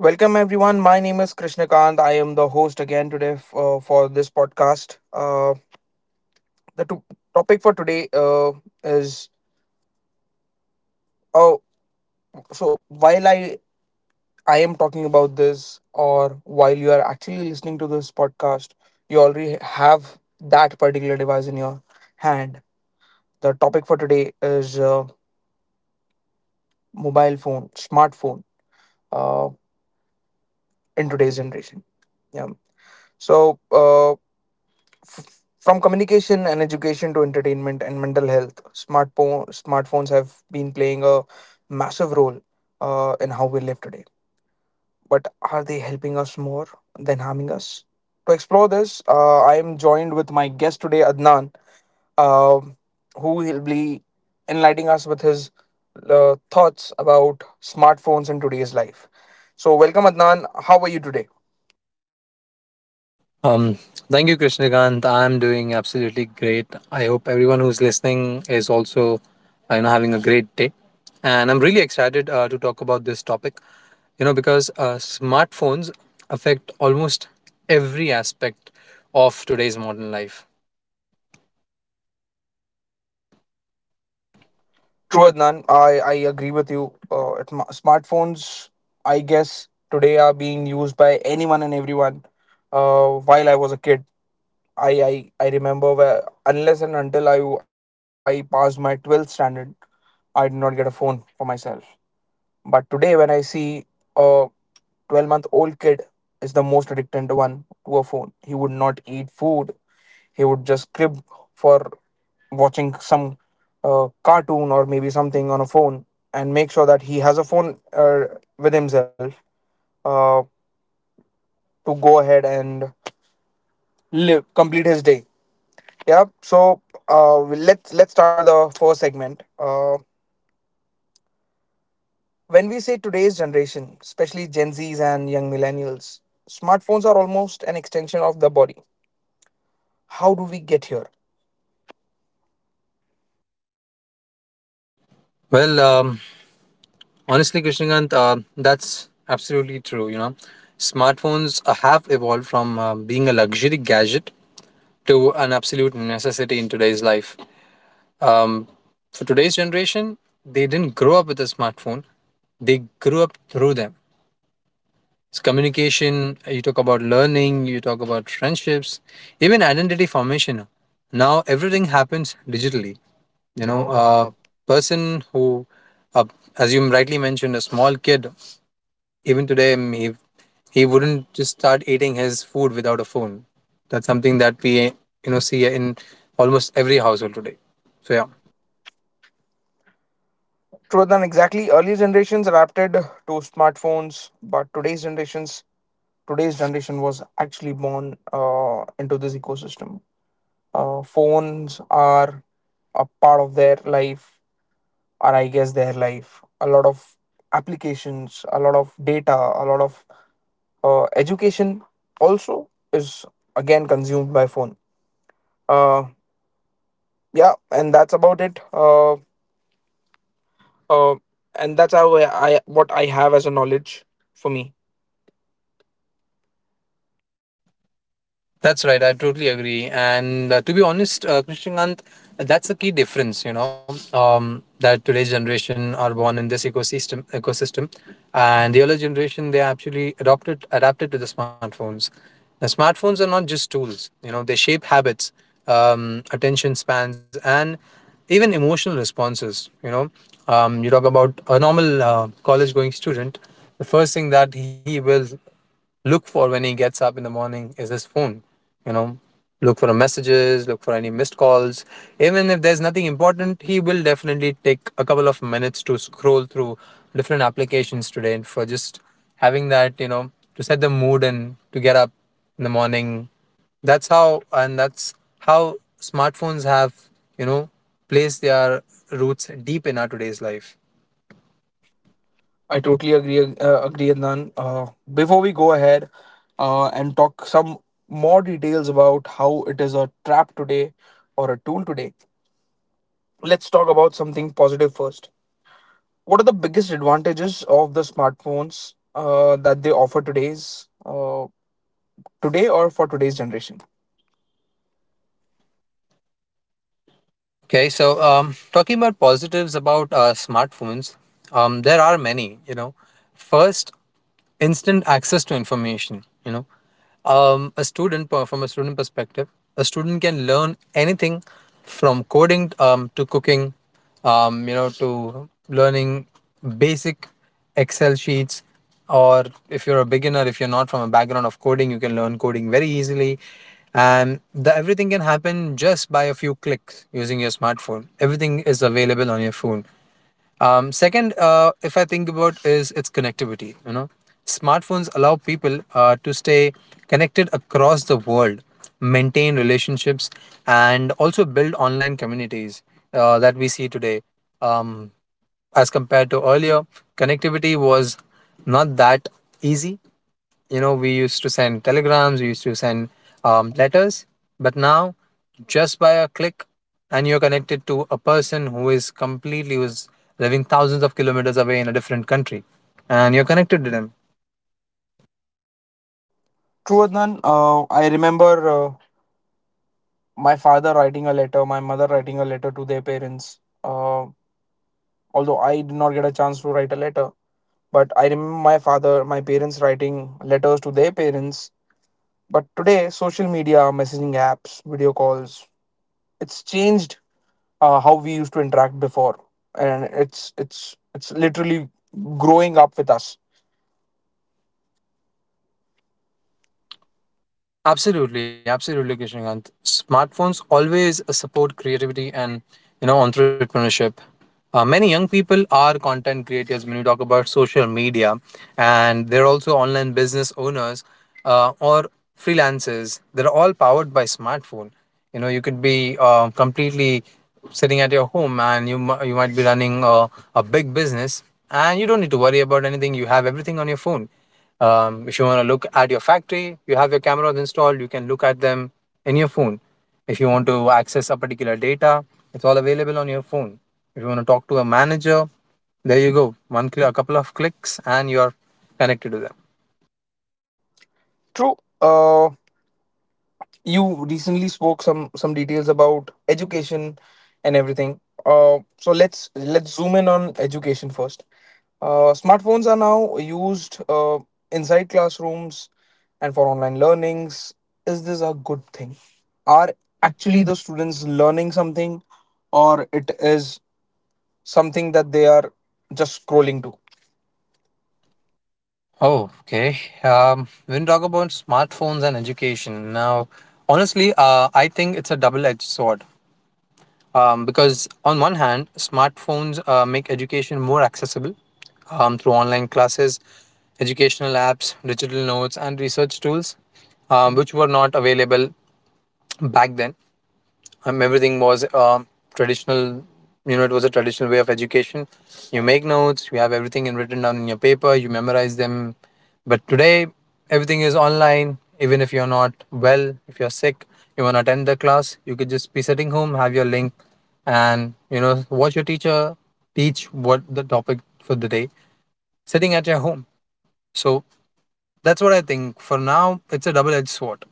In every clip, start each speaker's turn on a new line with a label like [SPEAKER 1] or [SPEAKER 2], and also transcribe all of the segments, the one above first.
[SPEAKER 1] Welcome, everyone. My name is Krishnakant. I am the host again today for this podcast. The topic for today is oh, so while I am talking about this, or while you are actually listening to this podcast, you already have that particular device in your hand. The topic for today is mobile phone, smartphone, uh, in today's generation. Yeah. So, F- from communication and education to entertainment and mental health, smartphones have been playing a massive role, in how we live today. But are they helping us more than harming us? To explore this, I am joined with my guest today, Adnan, uh, who will be enlightening us with his thoughts about smartphones in today's life. So, welcome, Adnan. How are you today?
[SPEAKER 2] Um, Thank you, Krishnakant. I'm doing absolutely great. I hope everyone who's listening is also, having a great day. And I'm really excited to talk about this topic, because smartphones affect almost every aspect of today's modern life. True.
[SPEAKER 1] True, Adnan. I agree with you. Smartphones, I guess, today are being used by anyone and everyone. While I was a kid, I remember where, unless and until I passed my 12th standard, I did not get a phone for myself. But today, when I see a 12-month-old kid is the most addicted one to a phone, he would not eat food, he would just crib for watching some cartoon or maybe something on a phone, and make sure that he has a phone with himself, uh, to go ahead and live complete his day. Yeah. So, let's start with our first segment, when we say today's generation, especially Gen Z's and young millennials, smartphones are almost an extension of the body. How do we get here?
[SPEAKER 2] Well, honestly, Krishnakant, that's absolutely true. Smartphones have evolved from being a luxury gadget to an absolute necessity in today's life. Um, for today's generation, they didn't grow up with a smartphone. They grew up through them. It's communication. You talk about learning. You talk about friendships, even identity formation. Now everything happens digitally.
[SPEAKER 1] you know
[SPEAKER 2] A
[SPEAKER 1] uh,
[SPEAKER 2] person who, uh, as you rightly mentioned, a small kid, even today, he wouldn't just start eating his food without a phone. That's something that we see in almost every household today. So yeah.
[SPEAKER 1] yeah. True, than exactly, earlier generations adapted to smartphones, but today's generation was actually born into this ecosystem. Phones are a part of their life, or I guess their life. A lot of applications, a lot of data, a lot of education also is again consumed by phone. Uh, yeah, and that's about it. Uh, and that's how I what I have as a knowledge for me.
[SPEAKER 2] That's right. I totally agree. And to be honest, Krishnakant, that's a key difference. That today's generation are born in this ecosystem, and the earlier generation they actually adopted adapted to the smartphones. Now, smartphones are not just tools. They shape habits, attention spans, and even emotional responses. You talk about a normal college-going student. The first thing that he will look for when he gets up in the morning is his phone. You know, Look for messages, look for any missed calls. Even if there's nothing important, he will definitely take a couple of minutes to scroll through different applications today, and for just having that, to set the mood and to get up in the morning. And that's how smartphones have, you know, placed their roots deep in our today's life.
[SPEAKER 1] I
[SPEAKER 2] I
[SPEAKER 1] totally agree, Adnan. Before we go ahead, and talk some more details about how it is a trap today or a tool today, let's talk about something positive first. What are the biggest advantages of the smartphones, that they offer today's, today or for today's generation?
[SPEAKER 2] Okay, so talking about positives about smartphones, there are many. First, instant access to information. From a student perspective, a student can learn anything, from coding to cooking, to learning basic excel sheets, or if you're a beginner, if you're not from a background of coding, you can learn coding very easily. And everything can happen just by a few clicks using your smartphone. Everything is available on your phone. Second, if I think about is its connectivity. Smartphones allow people to stay connected across the world, maintain relationships, and also build online communities that we see today. Um, as compared to earlier, connectivity was not that easy. We used to send telegrams, we used to send letters, but now just by a click and you're connected to a person who is completely who's living thousands of kilometers away in a different country, and you're connected to them.
[SPEAKER 1] True, Adnan. I remember, my father writing a letter, my mother writing a letter to their parents. Although I did not get a chance to write a letter, but I remember my father, my parents writing letters to their parents. But today, social media, messaging apps, video calls, it's changed, how we used to interact before, and it's literally growing up with us.
[SPEAKER 2] Absolutely, absolutely, Kishnakant. Smartphones always support creativity and entrepreneurship. Many young people are content creators when you talk about social media, and they're also online business owners or freelancers. They're all powered by smartphone. You could be completely sitting at your home, and you might be running a big business, and you don't need to worry about anything. You have everything on your phone. If you want to look at your factory, you have your cameras installed, you can look at them in your phone. If you want to access a particular data, it's all available on your phone. If you want to talk to a manager, there you go. One click, a couple of clicks and you're connected to them.
[SPEAKER 1] True. You recently spoke some details about education and everything, so let's zoom in on education first. Smartphones are now used, inside classrooms and for online learnings. Is this a good thing? Are
[SPEAKER 2] Are
[SPEAKER 1] actually
[SPEAKER 2] actually
[SPEAKER 1] the students learning something, or it is something that they are just scrolling to?
[SPEAKER 2] Oh, okay. When we talk about smartphones and education, now, honestly, I think it's a double-edged sword. Because on one hand, smartphones make education more accessible, through online classes, educational apps, digital notes, and research tools, which were not available back then. Everything was traditional. It was a traditional way of education. You make notes, you have everything in written down in your paper, you memorize them. But today everything is online. Even if you're not well, if you're sick, you want to attend the class, you could just be sitting home, have your link, and watch your teacher teach what the topic for the day, sitting at your home. So that's what I think for now. It's a double-edged sword.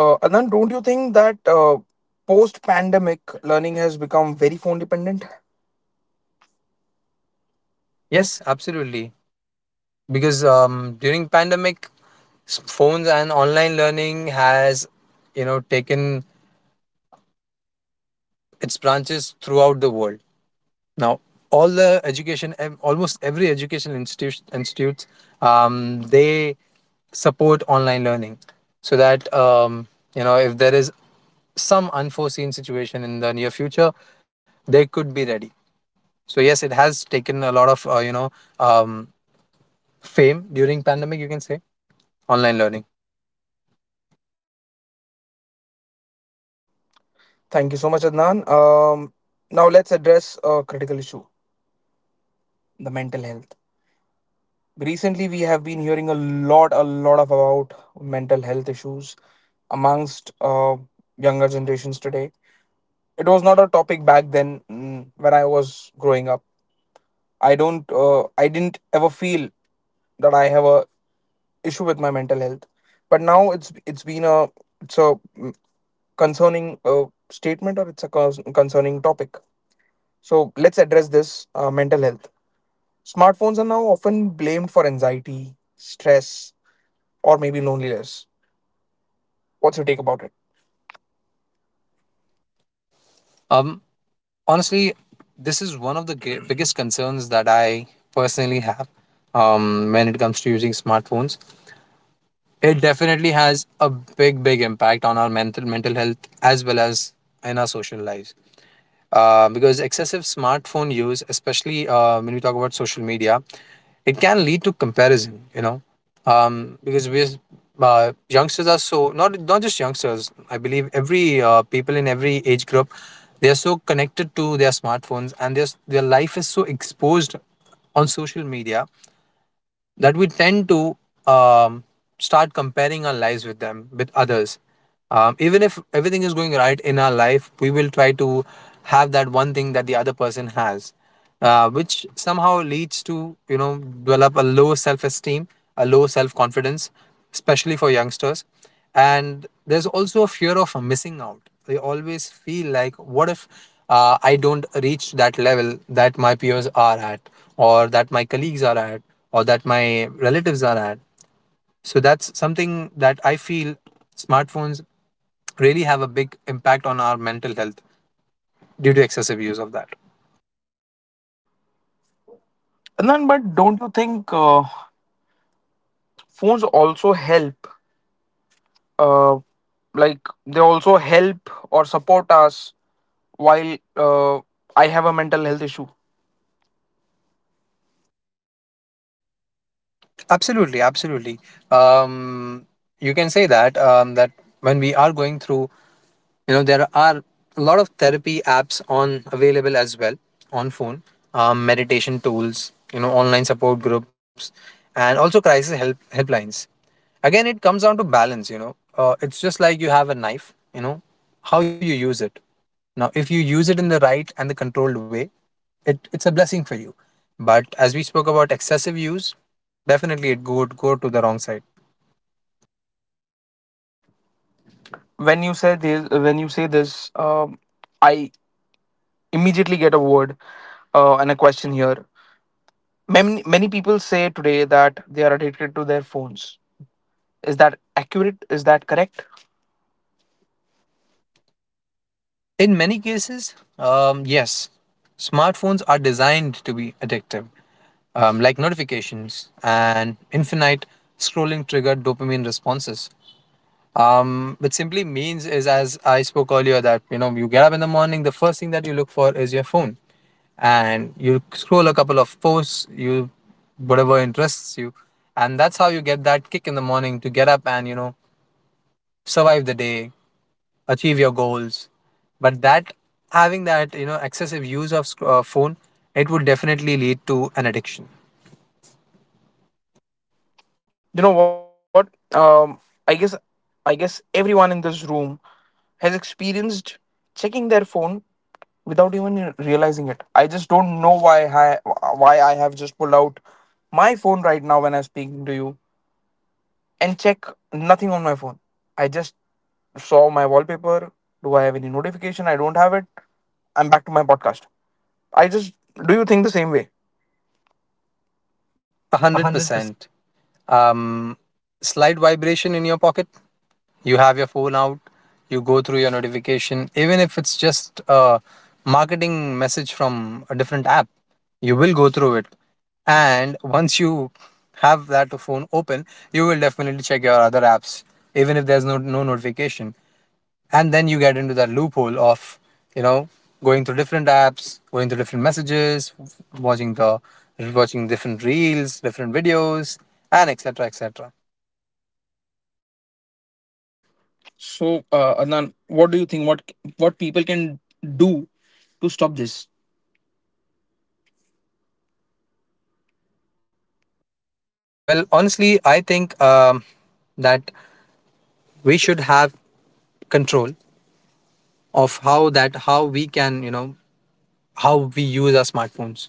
[SPEAKER 1] Anand, don't you think that, post pandemic learning has become very phone dependent? Yes.
[SPEAKER 2] Yes, absolutely. Because during pandemic, phones and online learning has taken its branches throughout the world. Now, all the education ev- almost every education institution institutes, um, they support online learning, so that if there is some unforeseen situation in the near future, they could be ready. So yes, it has taken a lot of um, fame during pandemic, you can say, online learning.
[SPEAKER 1] Thank you so much, Adnan. Now let's address a critical issue: the mental health. Recently, we have been hearing a lot of about mental health issues amongst, younger generations today. It was not a topic back then, when I was growing up. I didn't ever feel that I have a issue with my mental health, but now it's a concerning statement, or it's a concerning topic. So let's address this, mental health. Smartphones are now often blamed for anxiety, stress, or maybe loneliness. What's your take about it?
[SPEAKER 2] um Honestly, this is one of the biggest concerns that I personally have when it comes to using smartphones. It definitely has a big big impact on our mental health, as well as in our social lives. Because excessive smartphone use, especially when we talk about social media, it can lead to comparison. Because we youngsters are so not just youngsters. I believe every people in every age group, they are so connected to their smartphones, and their life is so exposed on social media, that we tend to um, start comparing our lives with them, with others. Even if everything is going right in our life, we will try to have that one thing that the other person has, which somehow leads to develop a low self-esteem, a low self-confidence, especially for youngsters. And there's also a fear of missing out. They always feel like, what if I don't reach that level that my peers are at, or that my colleagues are at, or that my relatives are at. So that's something that I feel smartphones really have a big impact on our mental health due to excessive use of that.
[SPEAKER 1] And then, but don't you think, phones also help? Uh, like, they also help or support us while, I have a mental health issue.
[SPEAKER 2] Absolutely, absolutely. um, you can say that, that when we are going through, there are a lot of therapy apps on available as well, on phone. Meditation tools, online support groups, and also crisis helplines. Again, it comes down to balance. It's just like you have a knife, you know how you use it. Now, if you use it in the right and the controlled way, it's a blessing for you. But as we spoke about excessive use, definitely it would go to the wrong side.
[SPEAKER 1] When you say this, I immediately get a word, and a question here. Many people say today that they are addicted to their phones. Is that accurate? Is that correct?
[SPEAKER 2] In many cases, yes, smartphones are designed to be addictive, like notifications and infinite scrolling trigger dopamine responses. Which simply means is, as I spoke earlier, that you get up in the morning, the first thing that you look for is your phone, and you scroll a couple of posts, you whatever interests you, and that's how you get that kick in the morning to get up and survive the day, achieve your goals. But that Having that, excessive use of phone, it would definitely lead to an addiction.
[SPEAKER 1] You know what? I guess everyone in this room has experienced checking their phone without even realizing it. I just don't know why I have just pulled out my phone right now when I'm speaking to you and check nothing on my phone. I just saw my wallpaper. Do I have any notification? I don't have it. I'm back to my podcast. I just Do you think the same way?
[SPEAKER 2] A hundred
[SPEAKER 1] 100%.
[SPEAKER 2] percent. um, Slight vibration in your pocket. You have your phone out, you go through your notification, even if it's just a marketing message from a different app, you will go through it. And once you have that phone open, you will definitely check your other apps, even if there's no, no notification. And then you get into that loophole of, you know, going through different apps, going through different messages, watching the watching different reels, different videos, and etc. etc.
[SPEAKER 1] So, Adnan, what do you think? What people can do to stop this?
[SPEAKER 2] Well, honestly, I think that we should have control of how that how we can you know how we use our smartphones.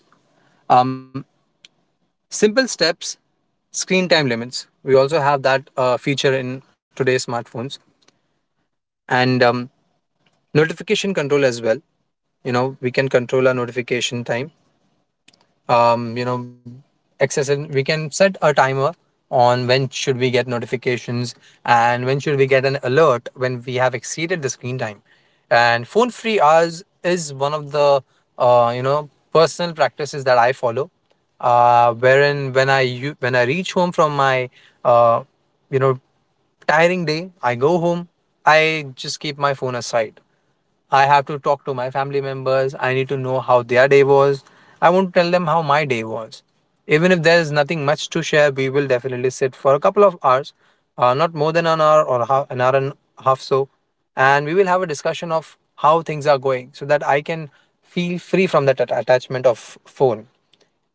[SPEAKER 2] Um, Simple steps, screen time limits. We also have that feature in today's smartphones, and notification control as well. We can control our notification time. You know excessive We can set a timer on when should we get notifications, and when should we get an alert when we have exceeded the screen time. And phone free hours is one of the personal practices that I follow, wherein when I reach home from my uh, you know tiring day, I go home, I just keep my phone aside. I have to talk to my family members. I need to know how their day was. I want to tell them how my day was. Even if there is nothing much to share, we will definitely sit for a couple of hours, not more than an hour or half, an hour and a half so, and we will have a discussion of how things are going so that I can feel free from that attachment of phone.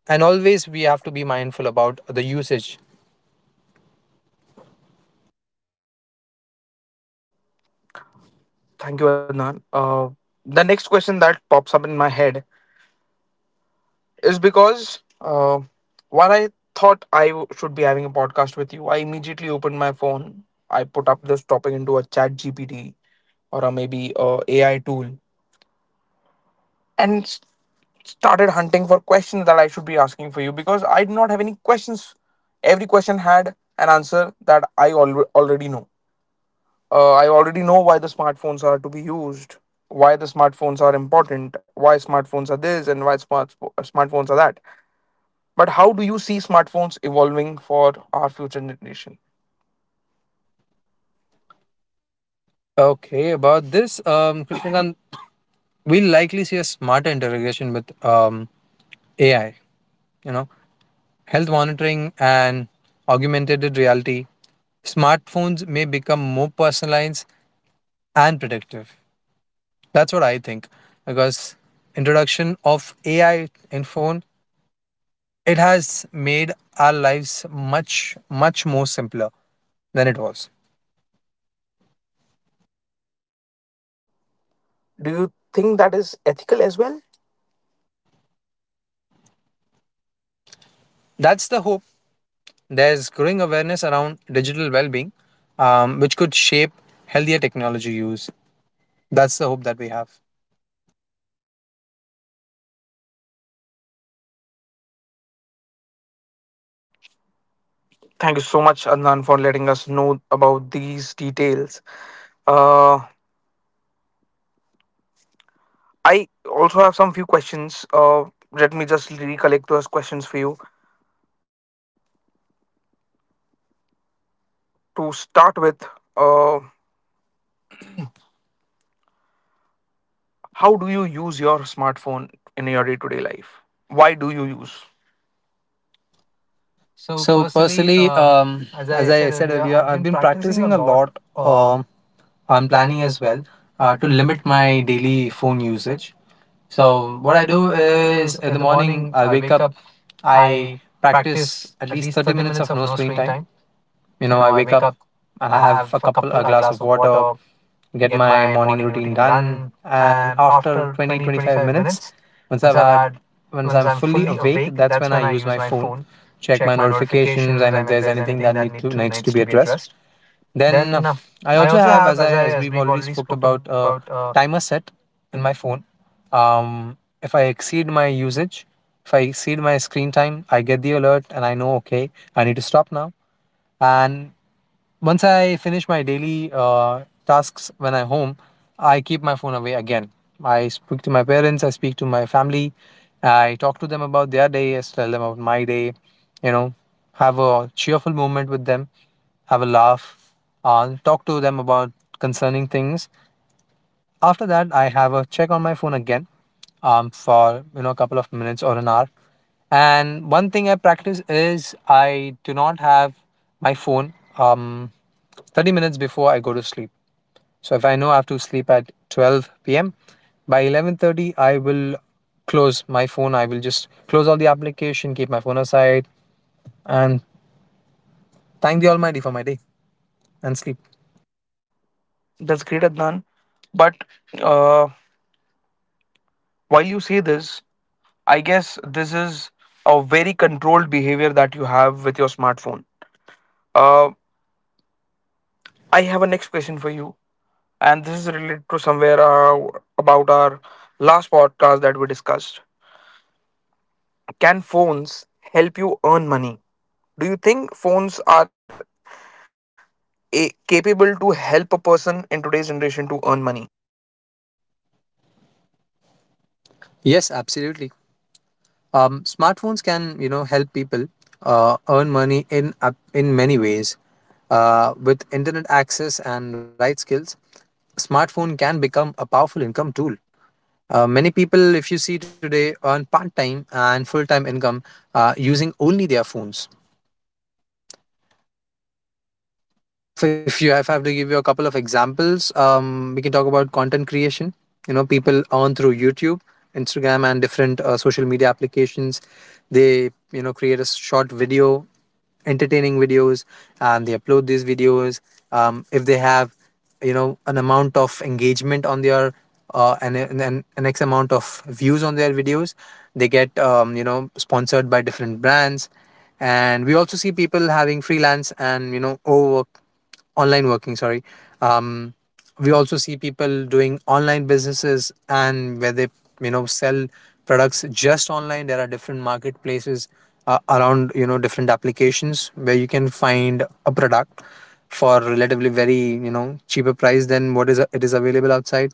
[SPEAKER 2] And always we have to be mindful about the usage.
[SPEAKER 1] Thank you, Adnan. The next question that pops up in my head is because, while I thought should be having a podcast with you, I immediately opened my phone. I put up this topic into a chat GPT or a maybe a AI tool, and started hunting for questions that I should be asking for you because I did not have any questions. Every question had an answer that already know. I already know why the smartphones are to be used, why the smartphones are important, why smartphones are this and why smartphones are that. But how do you see smartphones evolving for our future generation?
[SPEAKER 2] Okay, about this, Krishnakant, we'll likely see a smarter integration with AI. You know, health monitoring, and augmented reality, smartphones may become more personalized and predictive. That's what I think because introduction of AI in phone it has made our lives much more simpler than it was.
[SPEAKER 1] Do you think that is ethical as well?
[SPEAKER 2] That's the hope. There's growing awareness around digital well-being, which could shape healthier technology use. That's the hope that we have.
[SPEAKER 1] Thank you so much, Adnan, for letting us know about these details. Uh, I also have some few questions. Let me just recollect those questions for you. To start with, uh, how do you use your smartphone in your day to day life? Why do you use? So
[SPEAKER 2] So
[SPEAKER 1] personally,
[SPEAKER 2] personally,
[SPEAKER 1] as
[SPEAKER 2] as
[SPEAKER 1] I
[SPEAKER 2] I
[SPEAKER 1] said
[SPEAKER 2] said
[SPEAKER 1] earlier,
[SPEAKER 2] earlier,
[SPEAKER 1] I've been
[SPEAKER 2] I've been
[SPEAKER 1] practicing a
[SPEAKER 2] practicing a
[SPEAKER 1] lot.
[SPEAKER 2] lot.
[SPEAKER 1] Um,
[SPEAKER 2] um,
[SPEAKER 1] I'm
[SPEAKER 2] I'm
[SPEAKER 1] planning
[SPEAKER 2] planning
[SPEAKER 1] as
[SPEAKER 2] as
[SPEAKER 1] well,
[SPEAKER 2] well
[SPEAKER 1] to
[SPEAKER 2] to
[SPEAKER 1] limit
[SPEAKER 2] limit
[SPEAKER 1] my
[SPEAKER 2] my
[SPEAKER 1] daily
[SPEAKER 2] daily
[SPEAKER 1] phone
[SPEAKER 2] phone usage.
[SPEAKER 1] usage.
[SPEAKER 2] So
[SPEAKER 1] So
[SPEAKER 2] what
[SPEAKER 1] what
[SPEAKER 2] I
[SPEAKER 1] I
[SPEAKER 2] do
[SPEAKER 1] do
[SPEAKER 2] is
[SPEAKER 1] is
[SPEAKER 2] in the
[SPEAKER 1] in the
[SPEAKER 2] morning
[SPEAKER 1] morning
[SPEAKER 2] I
[SPEAKER 1] I
[SPEAKER 2] wake
[SPEAKER 1] wake
[SPEAKER 2] up,
[SPEAKER 1] up,
[SPEAKER 2] I
[SPEAKER 1] I
[SPEAKER 2] practice
[SPEAKER 1] practice
[SPEAKER 2] at
[SPEAKER 1] at
[SPEAKER 2] least
[SPEAKER 1] least
[SPEAKER 2] 30
[SPEAKER 1] thirty
[SPEAKER 2] minutes
[SPEAKER 1] minutes
[SPEAKER 2] of
[SPEAKER 1] of
[SPEAKER 2] no
[SPEAKER 1] no
[SPEAKER 2] screen
[SPEAKER 1] screen
[SPEAKER 2] time.
[SPEAKER 1] time.
[SPEAKER 2] You
[SPEAKER 1] You
[SPEAKER 2] know,
[SPEAKER 1] know,
[SPEAKER 2] I
[SPEAKER 1] I
[SPEAKER 2] wake
[SPEAKER 1] wake
[SPEAKER 2] up,
[SPEAKER 1] up,
[SPEAKER 2] I
[SPEAKER 1] I
[SPEAKER 2] have
[SPEAKER 1] have
[SPEAKER 2] a
[SPEAKER 1] a
[SPEAKER 2] glass of
[SPEAKER 1] glass of
[SPEAKER 2] water,
[SPEAKER 1] water,
[SPEAKER 2] get
[SPEAKER 1] get
[SPEAKER 2] my
[SPEAKER 1] my
[SPEAKER 2] morning
[SPEAKER 1] morning
[SPEAKER 2] routine
[SPEAKER 1] routine
[SPEAKER 2] done,
[SPEAKER 1] done,
[SPEAKER 2] and
[SPEAKER 1] and
[SPEAKER 2] after
[SPEAKER 1] after
[SPEAKER 2] 20
[SPEAKER 1] 20
[SPEAKER 2] twenty
[SPEAKER 1] twenty
[SPEAKER 2] five
[SPEAKER 1] five
[SPEAKER 2] minutes,
[SPEAKER 1] minutes,
[SPEAKER 2] once
[SPEAKER 1] once
[SPEAKER 2] I've
[SPEAKER 1] I've
[SPEAKER 2] had
[SPEAKER 1] had,
[SPEAKER 2] once
[SPEAKER 1] once
[SPEAKER 2] I'm
[SPEAKER 1] I'm
[SPEAKER 2] fully
[SPEAKER 1] fully
[SPEAKER 2] awake,
[SPEAKER 1] awake,
[SPEAKER 2] that's
[SPEAKER 1] that's
[SPEAKER 2] when I
[SPEAKER 1] when I
[SPEAKER 2] use
[SPEAKER 1] use
[SPEAKER 2] my
[SPEAKER 1] my
[SPEAKER 2] phone,
[SPEAKER 1] phone,
[SPEAKER 2] check
[SPEAKER 1] check
[SPEAKER 2] my
[SPEAKER 1] my
[SPEAKER 2] notifications
[SPEAKER 1] notifications,
[SPEAKER 2] and if
[SPEAKER 1] and if
[SPEAKER 2] there's
[SPEAKER 1] there's
[SPEAKER 2] anything
[SPEAKER 1] anything
[SPEAKER 2] that
[SPEAKER 1] that
[SPEAKER 2] needs to
[SPEAKER 1] needs
[SPEAKER 2] be
[SPEAKER 1] to be
[SPEAKER 2] addressed.
[SPEAKER 1] addressed,
[SPEAKER 2] Then
[SPEAKER 1] then,
[SPEAKER 2] I
[SPEAKER 1] I
[SPEAKER 2] also
[SPEAKER 1] also
[SPEAKER 2] have,
[SPEAKER 1] have,
[SPEAKER 2] as
[SPEAKER 1] as
[SPEAKER 2] we've
[SPEAKER 1] we've
[SPEAKER 2] already
[SPEAKER 1] already
[SPEAKER 2] spoke
[SPEAKER 1] spoke about.
[SPEAKER 2] about, a timer set in my phone. If I exceed my usage, if I exceed my screen time, I get the alert and I know okay, I need to stop now. And once I finish my daily tasks when I'm home, I keep my phone away again. I speak to my parents, I speak to my family, I talk to them about their day, I tell them about my day, you know, have a cheerful moment with them, have a laugh, talk to them about concerning things. After that, I have a check on my phone again for, you know, a couple of minutes or an hour. And one thing I practice is I do not have my phone, 30 minutes before I go to sleep. So if I know I have to sleep at 12 p.m., by 11:30 I will close my phone. I will just close all the application, keep my phone aside, and thank the Almighty for my day and sleep.
[SPEAKER 1] That's great, Adnan. But, uh, while you say this, I guess this is a very controlled behavior that you have with your smartphone. Uh, I have a next question for you, and this is related to somewhere, about our last podcast that we discussed. Can phones help you earn money? Do you think phones are capable to help a person in today's generation to earn money?
[SPEAKER 2] Yes, absolutely. Smartphones can, you know, help people earn money in many ways. With internet access and light skills, smartphone can become a powerful income tool. Many people, if you see today, earn part time and full time income using only their phones. So if I have to give you a couple of examples, we can talk about content creation. You know, people earn through YouTube, Instagram, and different social media applications. They, you know, create a short video, entertaining videos, and they upload these videos. If they have, you know, an amount of engagement on their and an x amount of views on their videos, they get, you know, sponsored by different brands, and we also see people having freelance and, you know, overwork online working, sorry, um, we also see people doing online businesses and where they, you know, sell products just online. There are different marketplaces around, you know, different applications where you can find a product for relatively very, you know, cheaper price than what is it is available outside.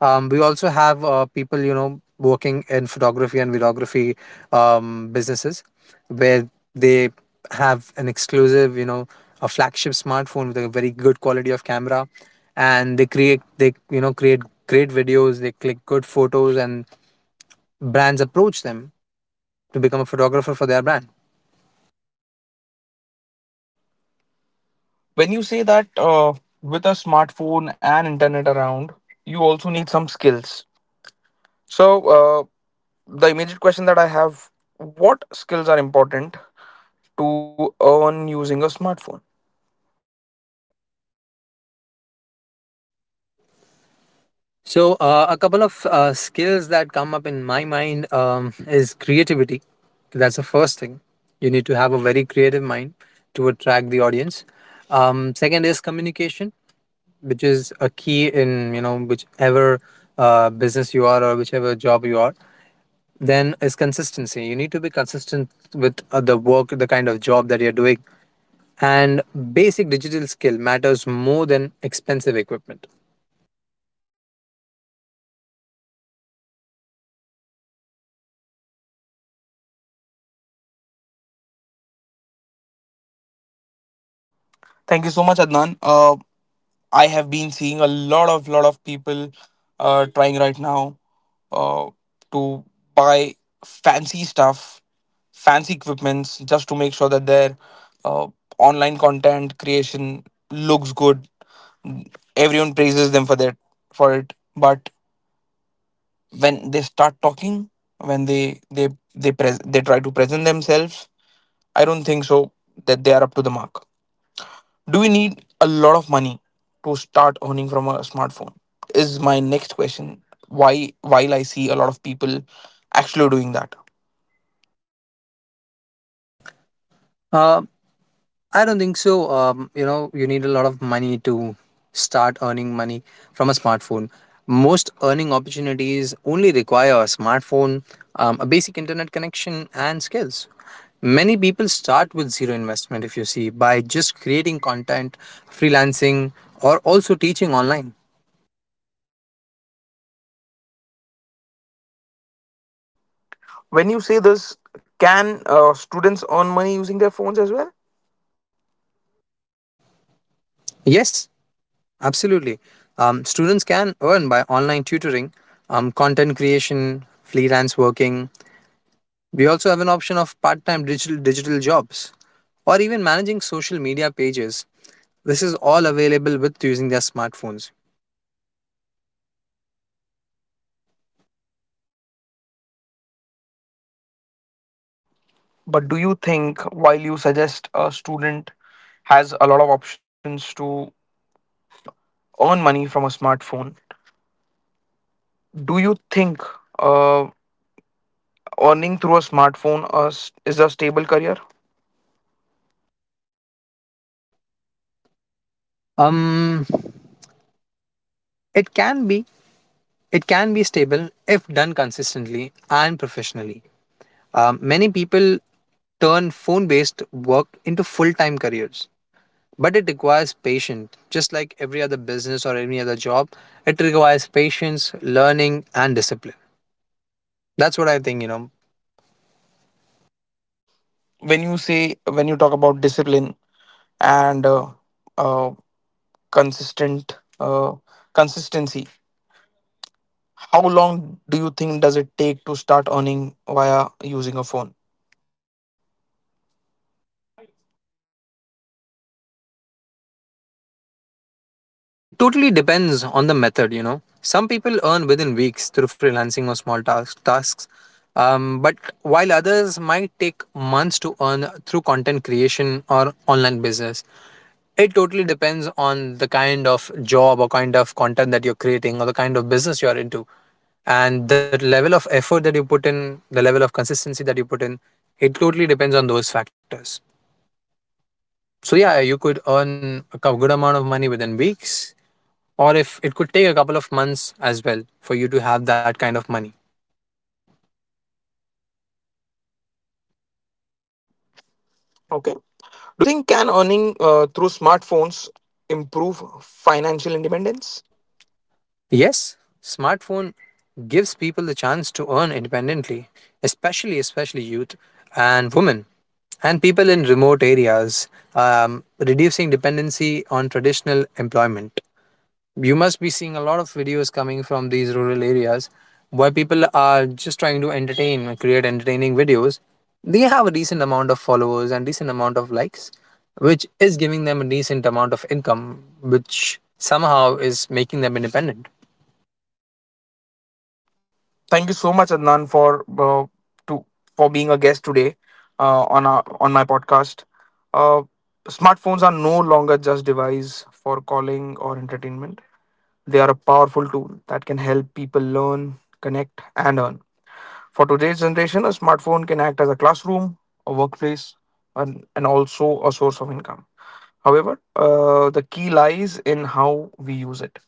[SPEAKER 2] We also have people, you know, working in photography and videography businesses where they have an exclusive, you know, a flagship smartphone with a very good quality of camera and they create they you know create great videos, they click good photos and brands approach them to become a photographer for their brand.
[SPEAKER 1] When you say that, with a smartphone and internet around, you also need some skills. So, the immediate question that I have, what skills are important to earn using a smartphone?
[SPEAKER 2] So a couple of skills that come up in my mind, is creativity. That's the first thing. You need to have a very creative mind to attract the audience. Second is communication, which is a key in, you know, whichever business you are or whichever job you are. Then is consistency. You need to be consistent with the work, the kind of job that you're doing. And basic digital skill matters more than expensive equipment.
[SPEAKER 1] Thank you so much, Adnan. I have been seeing a lot of people, trying right now, uh, to buy fancy stuff, fancy equipments, just to make sure that their, uh, online content creation looks good. Everyone praises them for it, but when they start talking, when they try to present themselves, I don't think so that they are up to the mark. Do we need a lot of money to start earning from a smartphone? Is my next question. Why, while I see a lot of people actually doing that.
[SPEAKER 2] uh, I don't think so. You know, you need a lot of money to start earning money from a smartphone. Most earning opportunities only require a smartphone, a basic internet connection, and skills. Many people start with zero investment, if you see, by just creating content, freelancing, or also teaching online.
[SPEAKER 1] When you say this, can, students earn money using their phones as well?
[SPEAKER 2] Yes, absolutely. Students can earn by online tutoring, content creation, freelance working. We also have an option of part time digital jobs or even managing social media pages. This is all available with using their smartphones.
[SPEAKER 1] But do you think, while you suggest a student has a lot of options to earn money from a smartphone, do you think, uh, earning through a smartphone, is a stable career?
[SPEAKER 2] Um, it can be it can be stable if done consistently and professionally. Many people turn phone-based work into full-time careers, but it requires patience. Just like every other business or any other job, it requires patience, learning, and discipline. That's what I think. You know,
[SPEAKER 1] When you say when you talk about discipline and, uh, consistent consistency, how long do you think does it take to start earning via using a phone?
[SPEAKER 2] it totally depends on the method, you know. Some people earn within weeks through freelancing or small tasks, but while others might take months to earn through content creation or online business. It totally depends on the kind of job or kind of content that you're creating or the kind of business you're into. And the level of effort that you put in, the level of consistency that you put in, it totally depends on those factors. So, yeah, you could earn a good amount of money within weeks or if it could take a couple of months as well for you to have that kind of money.
[SPEAKER 1] Okay, do you think can earning, through smartphones improve financial independence?
[SPEAKER 2] Yes, smartphone gives people the chance to earn independently, especially youth and women and people in remote areas, reducing dependency on traditional employment. You must be seeing a lot of videos coming from these rural areas where people are just trying to entertain, create entertaining videos. They have a decent amount of followers and decent amount of likes, which is giving them a decent amount of income, which somehow is making them independent.
[SPEAKER 1] Thank you so much, Adnan, for, uh, to for being a guest today, on on my podcast, uh, smartphones are no longer just device for calling or entertainment. They are a powerful tool that can help people learn, connect, and earn. For today's generation, a smartphone can act as a classroom, a workplace, and, also a source of income. However, the key lies in how we use it.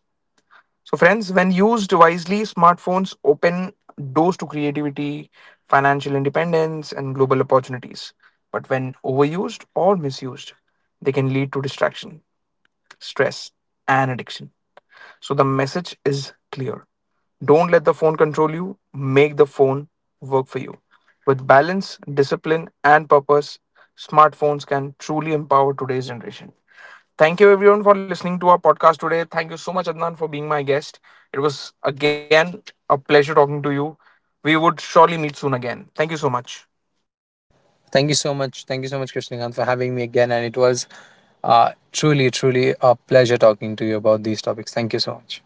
[SPEAKER 1] So, friends, when used wisely, smartphones open doors to creativity, financial independence, and global opportunities. But when overused or misused, they can lead to distraction, stress, and addiction. So, the message is clear: don't let the phone control you, make the phone work for you. With balance, discipline, and purpose, smartphones can truly empower today's generation. Thank you everyone for listening to our podcast today. Thank you so much, Adnan, for being my guest. It was again a pleasure talking to you. We would surely meet soon again. Thank you so much.
[SPEAKER 2] Thank you so much. Thank you so much, Krishnakant, for having me again. And it was truly, truly a pleasure talking to you about these topics. Thank you so much.